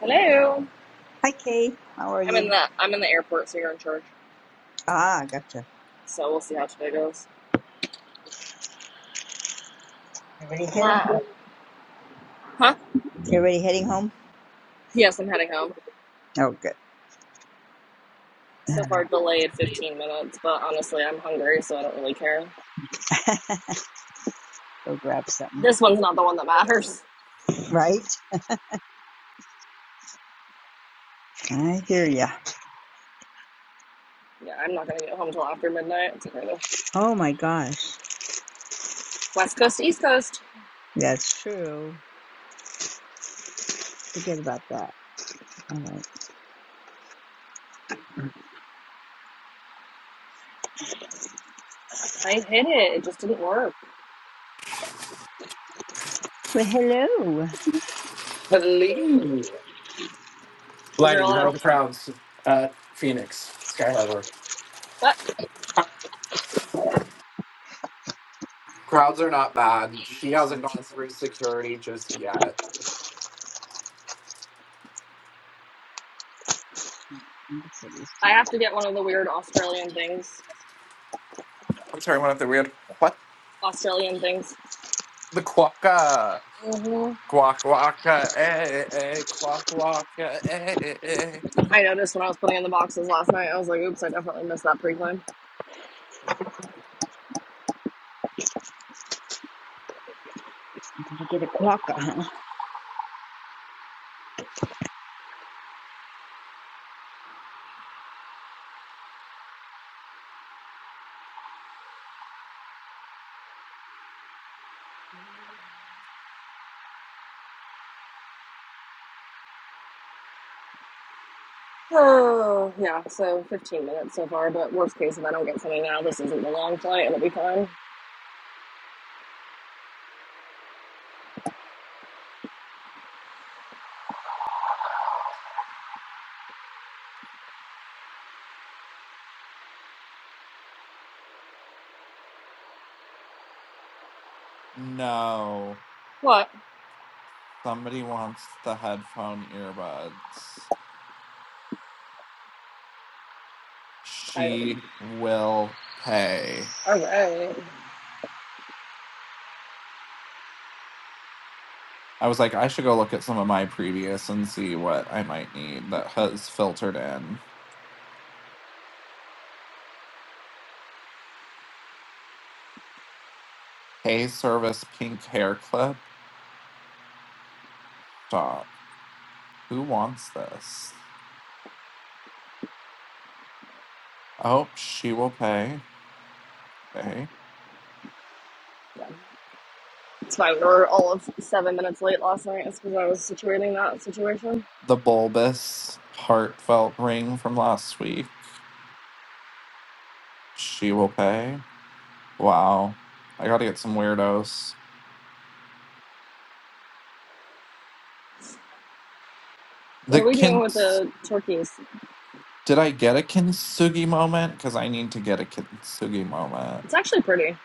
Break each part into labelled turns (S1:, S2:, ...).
S1: Hello.
S2: Hi, Kay. How are
S1: I'm in
S2: you?
S1: the I'm in the airport, so you're in charge.
S2: Ah, gotcha.
S1: So we'll see how today goes.
S2: You ready heading
S1: Fly.
S2: home?
S1: Huh?
S2: You ready heading home?
S1: Yes, I'm heading home.
S2: Oh, good.
S1: So far delayed 15 minutes, but honestly, I'm hungry, so I don't really care.
S2: Go grab something.
S1: This one's not the one that matters.
S2: Right? I hear ya.
S1: Yeah, I'm not gonna get home till after midnight. It's okay though.
S2: Oh my gosh.
S1: West coast, to east coast.
S2: That's true. Forget about that. All right.
S1: I hit it. It just didn't work.
S2: Well, hello. Let
S3: Hello.
S1: Is there a
S3: Lighten,
S1: lot
S3: how are
S1: of?
S3: the crowds at Phoenix? Skyhover.
S1: But
S3: Crowds are not bad. She hasn't gone through security just yet.
S2: me put this
S1: I
S2: down.
S1: have to get one of the weird Australian things.
S3: I'm sorry, one of the weird. What?
S1: Australian things.
S3: The quokka.
S1: hmm
S3: Quack, quacka, eh, eh, eh, quack, quacka, eh, eh, eh.
S1: I noticed when I was putting in the boxes last night. I was like, oops, I definitely missed that pre-climb.
S2: You You gotta get a quokka, huh?
S1: Oh, yeah, so 15 minutes so far, but worst case, if I don't get something now, this isn't the long flight. It'll be fine.
S3: No.
S1: What?
S3: Somebody wants the headphone earbuds.
S1: I, all
S3: She will pay.
S1: right.
S3: I was like, I should go look at some of my previous and see what I might need that has filtered in. Hey, service pink hair clip. Stop. Who wants this? Oh, she will pay. Okay.
S1: Yeah, it's fine. We were all of seven minutes late last night. It's because I was situating that situation.
S3: The bulbous, heartfelt ring from last week. She will pay. Wow. I gotta get some weirdos.
S1: What
S3: The
S1: are we doing with
S3: kins.
S1: the turkeys?
S3: Did I get a kintsugi moment? Because I need to get a kintsugi moment.
S1: It's actually pretty.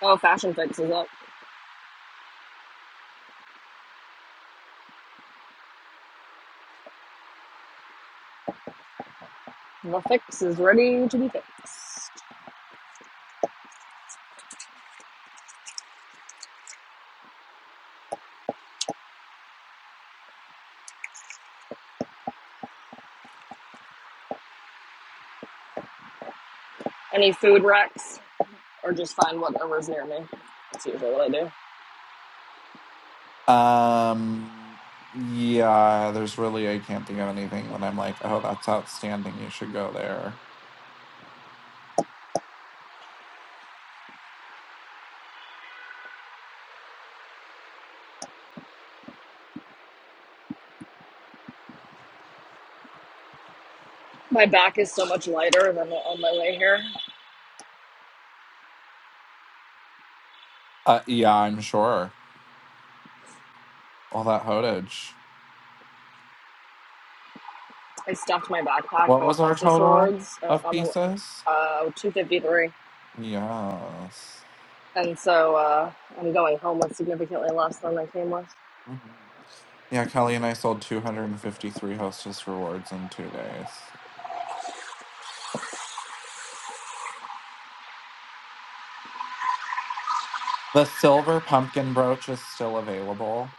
S1: Oh, Fashion Fix is up. The fix is ready to be fixed. Any food wrecks, or just find whatever's near me. That's usually what I do.
S3: Um. Yeah, there's really, I can't think of anything that I'm like, oh, that's outstanding. You should go there.
S1: My back is so much lighter than on my way here.
S3: Uh, yeah, I'm sure. All that hodage.
S1: I stuffed my backpack
S3: What
S1: full of
S3: was our
S1: Hostess
S3: total
S1: awards uh,
S3: of
S1: on the
S3: pieces?
S1: uh, 253.
S3: Yes.
S1: And so uh, I'm going home with significantly less than I came with.
S3: Mhm. Yeah, Kelly and I sold 253 hostess rewards in two days. The silver pumpkin brooch is still available.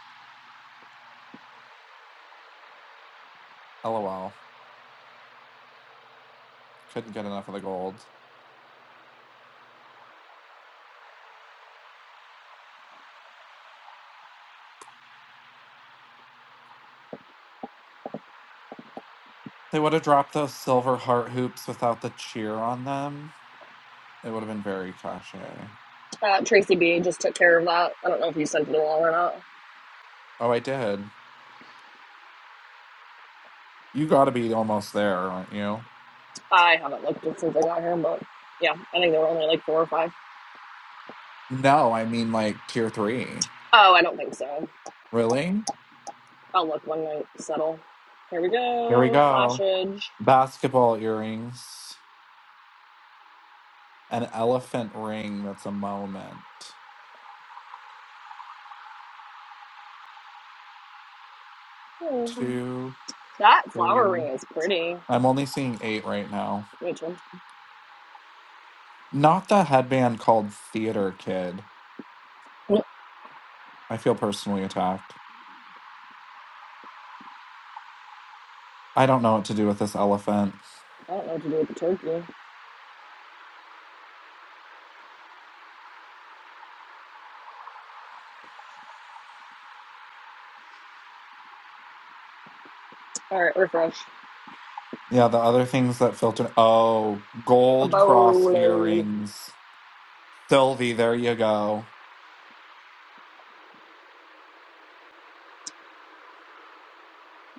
S3: LOL. Couldn't get enough of the gold. They would have dropped those silver heart hoops without the cheer on them. It would have been very cachet.
S1: Uh, Tracy B just took care of that. I don't know if you sent it along or not.
S3: Oh, I did. You gotta be almost there, aren't you?
S1: I haven't looked since I got here, but yeah, I think there were only like four or five.
S3: No, I mean like tier three.
S1: Oh, I don't think so.
S3: Really?
S1: I'll look when I settle. Here we
S3: Here we
S1: go.
S3: go.
S1: Flashage.
S3: basketball earrings, an elephant ring that's a moment.
S1: Hmm.
S3: Two,
S1: That flower
S3: three.
S1: ring is pretty.
S3: I'm only seeing eight right now.
S1: Which one?
S3: Not the headband called Theater Kid.
S1: I
S3: I feel personally attacked. I don't know what to do with this elephant.
S1: don't know what to do with the turkey. All right, refresh.
S3: Yeah, the other things that filter. Oh,
S1: A
S3: gold cross
S1: bolo.
S3: earrings. Sylvie, there you go.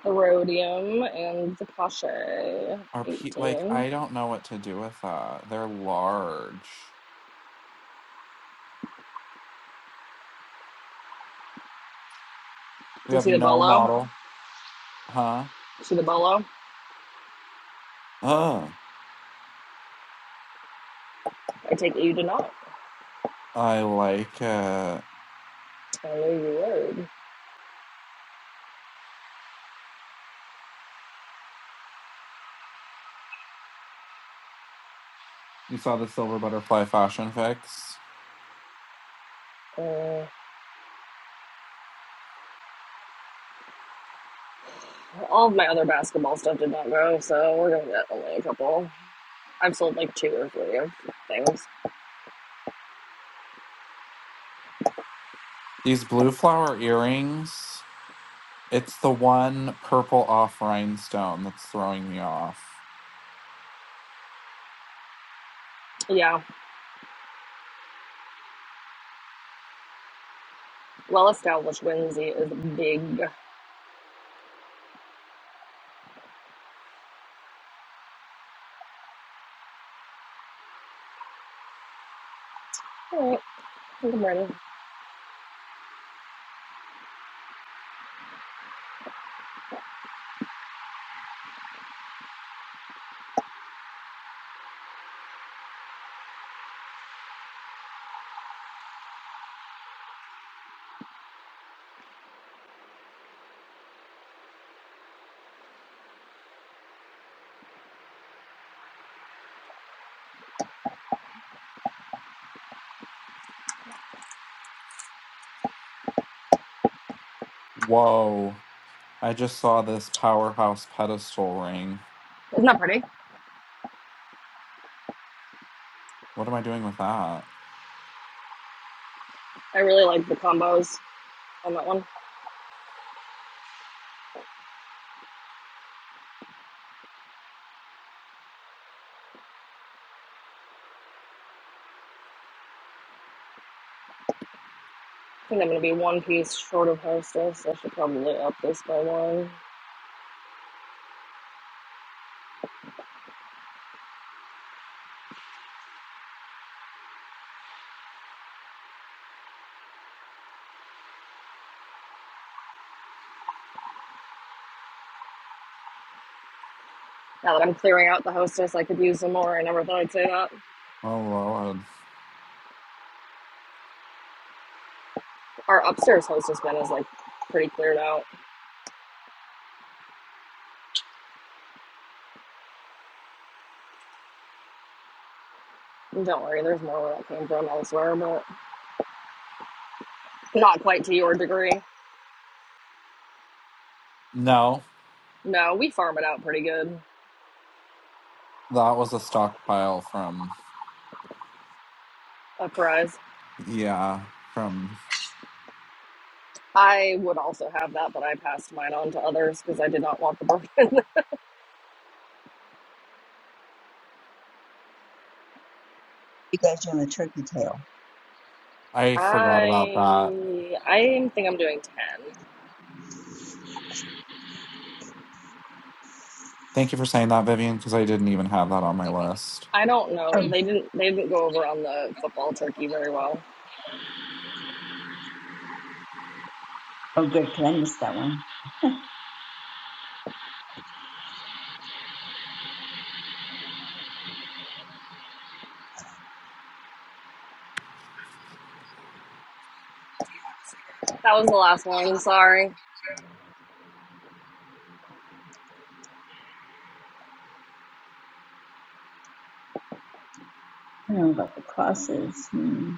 S1: Rhodium and the Kasha,
S3: Are
S1: 18.
S3: pe- like
S1: Did
S3: I don't know what to do with that. They're large. We
S1: you
S3: have
S1: see the
S3: no
S1: bolo?
S3: model, huh?
S1: See the bolo?
S3: Uh.
S1: I take it you did not.
S3: I like uh
S1: I knew you
S3: you saw the silver butterfly fashion fix.
S1: would. Uh, all of my other basketball stuff did not go, so we're gonna get only a couple. I've sold like two or three of things.
S3: These blue flower earrings, it's the one purple off rhinestone that's throwing me off.
S1: Yeah, well established Wednesday is big. Alright, I think I'm ready.
S3: Whoa. I just saw this powerhouse pedestal ring.
S1: Isn't that pretty?
S3: What am I doing with that?
S1: I really like the combos on that one. I think I'm gonna be one piece short of hostess. I should probably up this by one. now that I'm clearing out the hostess, I could use them more. I never thought I'd say that.
S3: Oh Lord.
S1: Our upstairs hostess bin is like pretty cleared out. Don't worry, there's more where that came from elsewhere, but not quite to your degree.
S3: No,
S1: No, we farm it out pretty good.
S3: that was a stockpile from
S1: A prize.
S3: yeah, from
S1: I would also have that, but I passed mine on to others because I did not want the burden.
S2: You guys doing the turkey tail?
S3: I forgot about that.
S1: I I think I'm doing ten.
S3: Thank you for saying that, Vivian, because I didn't even have that on my list.
S1: I don't know.
S2: Oh,
S1: They didn't they didn't go over on the football turkey very well.
S2: oh, good. 'cause I missed that one. I
S1: That was the last one. Sorry.
S2: don't know about the crosses. Hmm.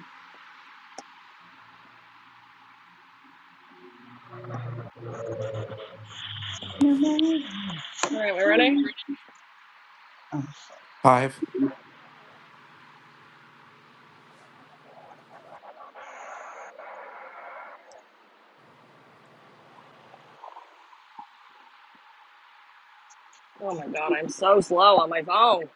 S2: No matter.
S1: All right, we ready?
S3: Five.
S1: Oh my god, I'm so slow on my phone.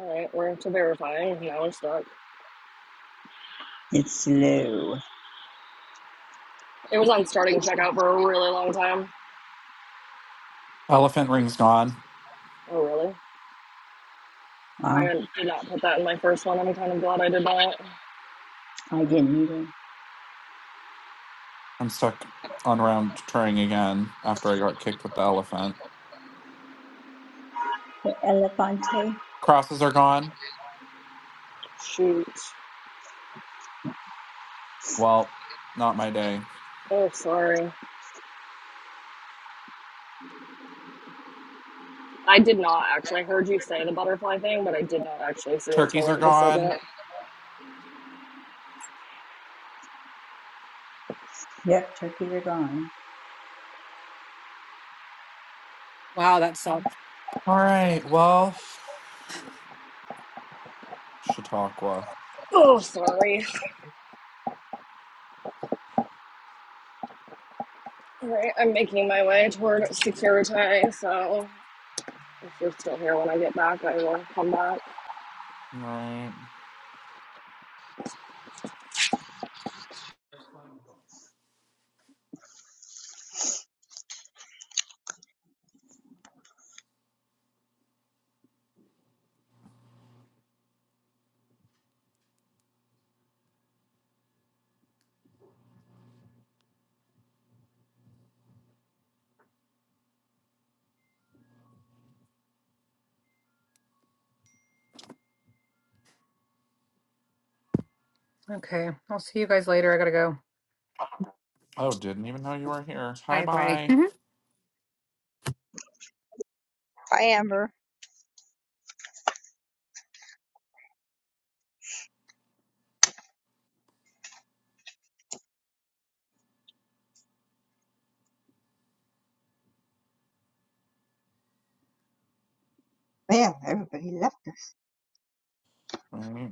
S1: All right, we're to verifying. Now we're stuck.
S2: It's low.
S1: It was on starting checkout for a really long time.
S3: Elephant rings gone.
S1: Oh, really?
S2: Wow.
S1: I did not put that in my first one. I'm kind of glad I did not.
S2: I didn't either.
S3: I'm stuck on round trying again after I got kicked with the elephant.
S2: The elefante.
S3: Crosses are gone.
S1: Shoot.
S3: Well, not my day.
S1: Oh, sorry. I did not actually. I heard you say the butterfly thing, but I did not actually see it till
S3: Turkeys are
S1: right the
S3: gone.
S1: second.
S2: Yep, turkey are gone.
S4: Wow, that sucks.
S3: All right. Well, Chautauqua. All
S1: Oh, sorry. All right, I'm making my way toward Securite, so if you're still here when I get back, I will come back.
S3: right.
S4: Okay. I'll see you guys later. I gotta go.
S3: Oh, didn't even know you were here. Hi,
S4: Bye bye.
S3: bye.
S2: Bye, Amber. Man, everybody left.
S3: All right.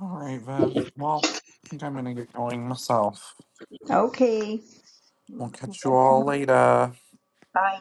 S3: All right, Viv. Well, I think I'm gonna get going myself.
S2: Okay. We'll
S3: We'll
S2: see you
S3: catch you
S2: guys
S3: all
S2: tomorrow.
S3: later.
S2: Bye.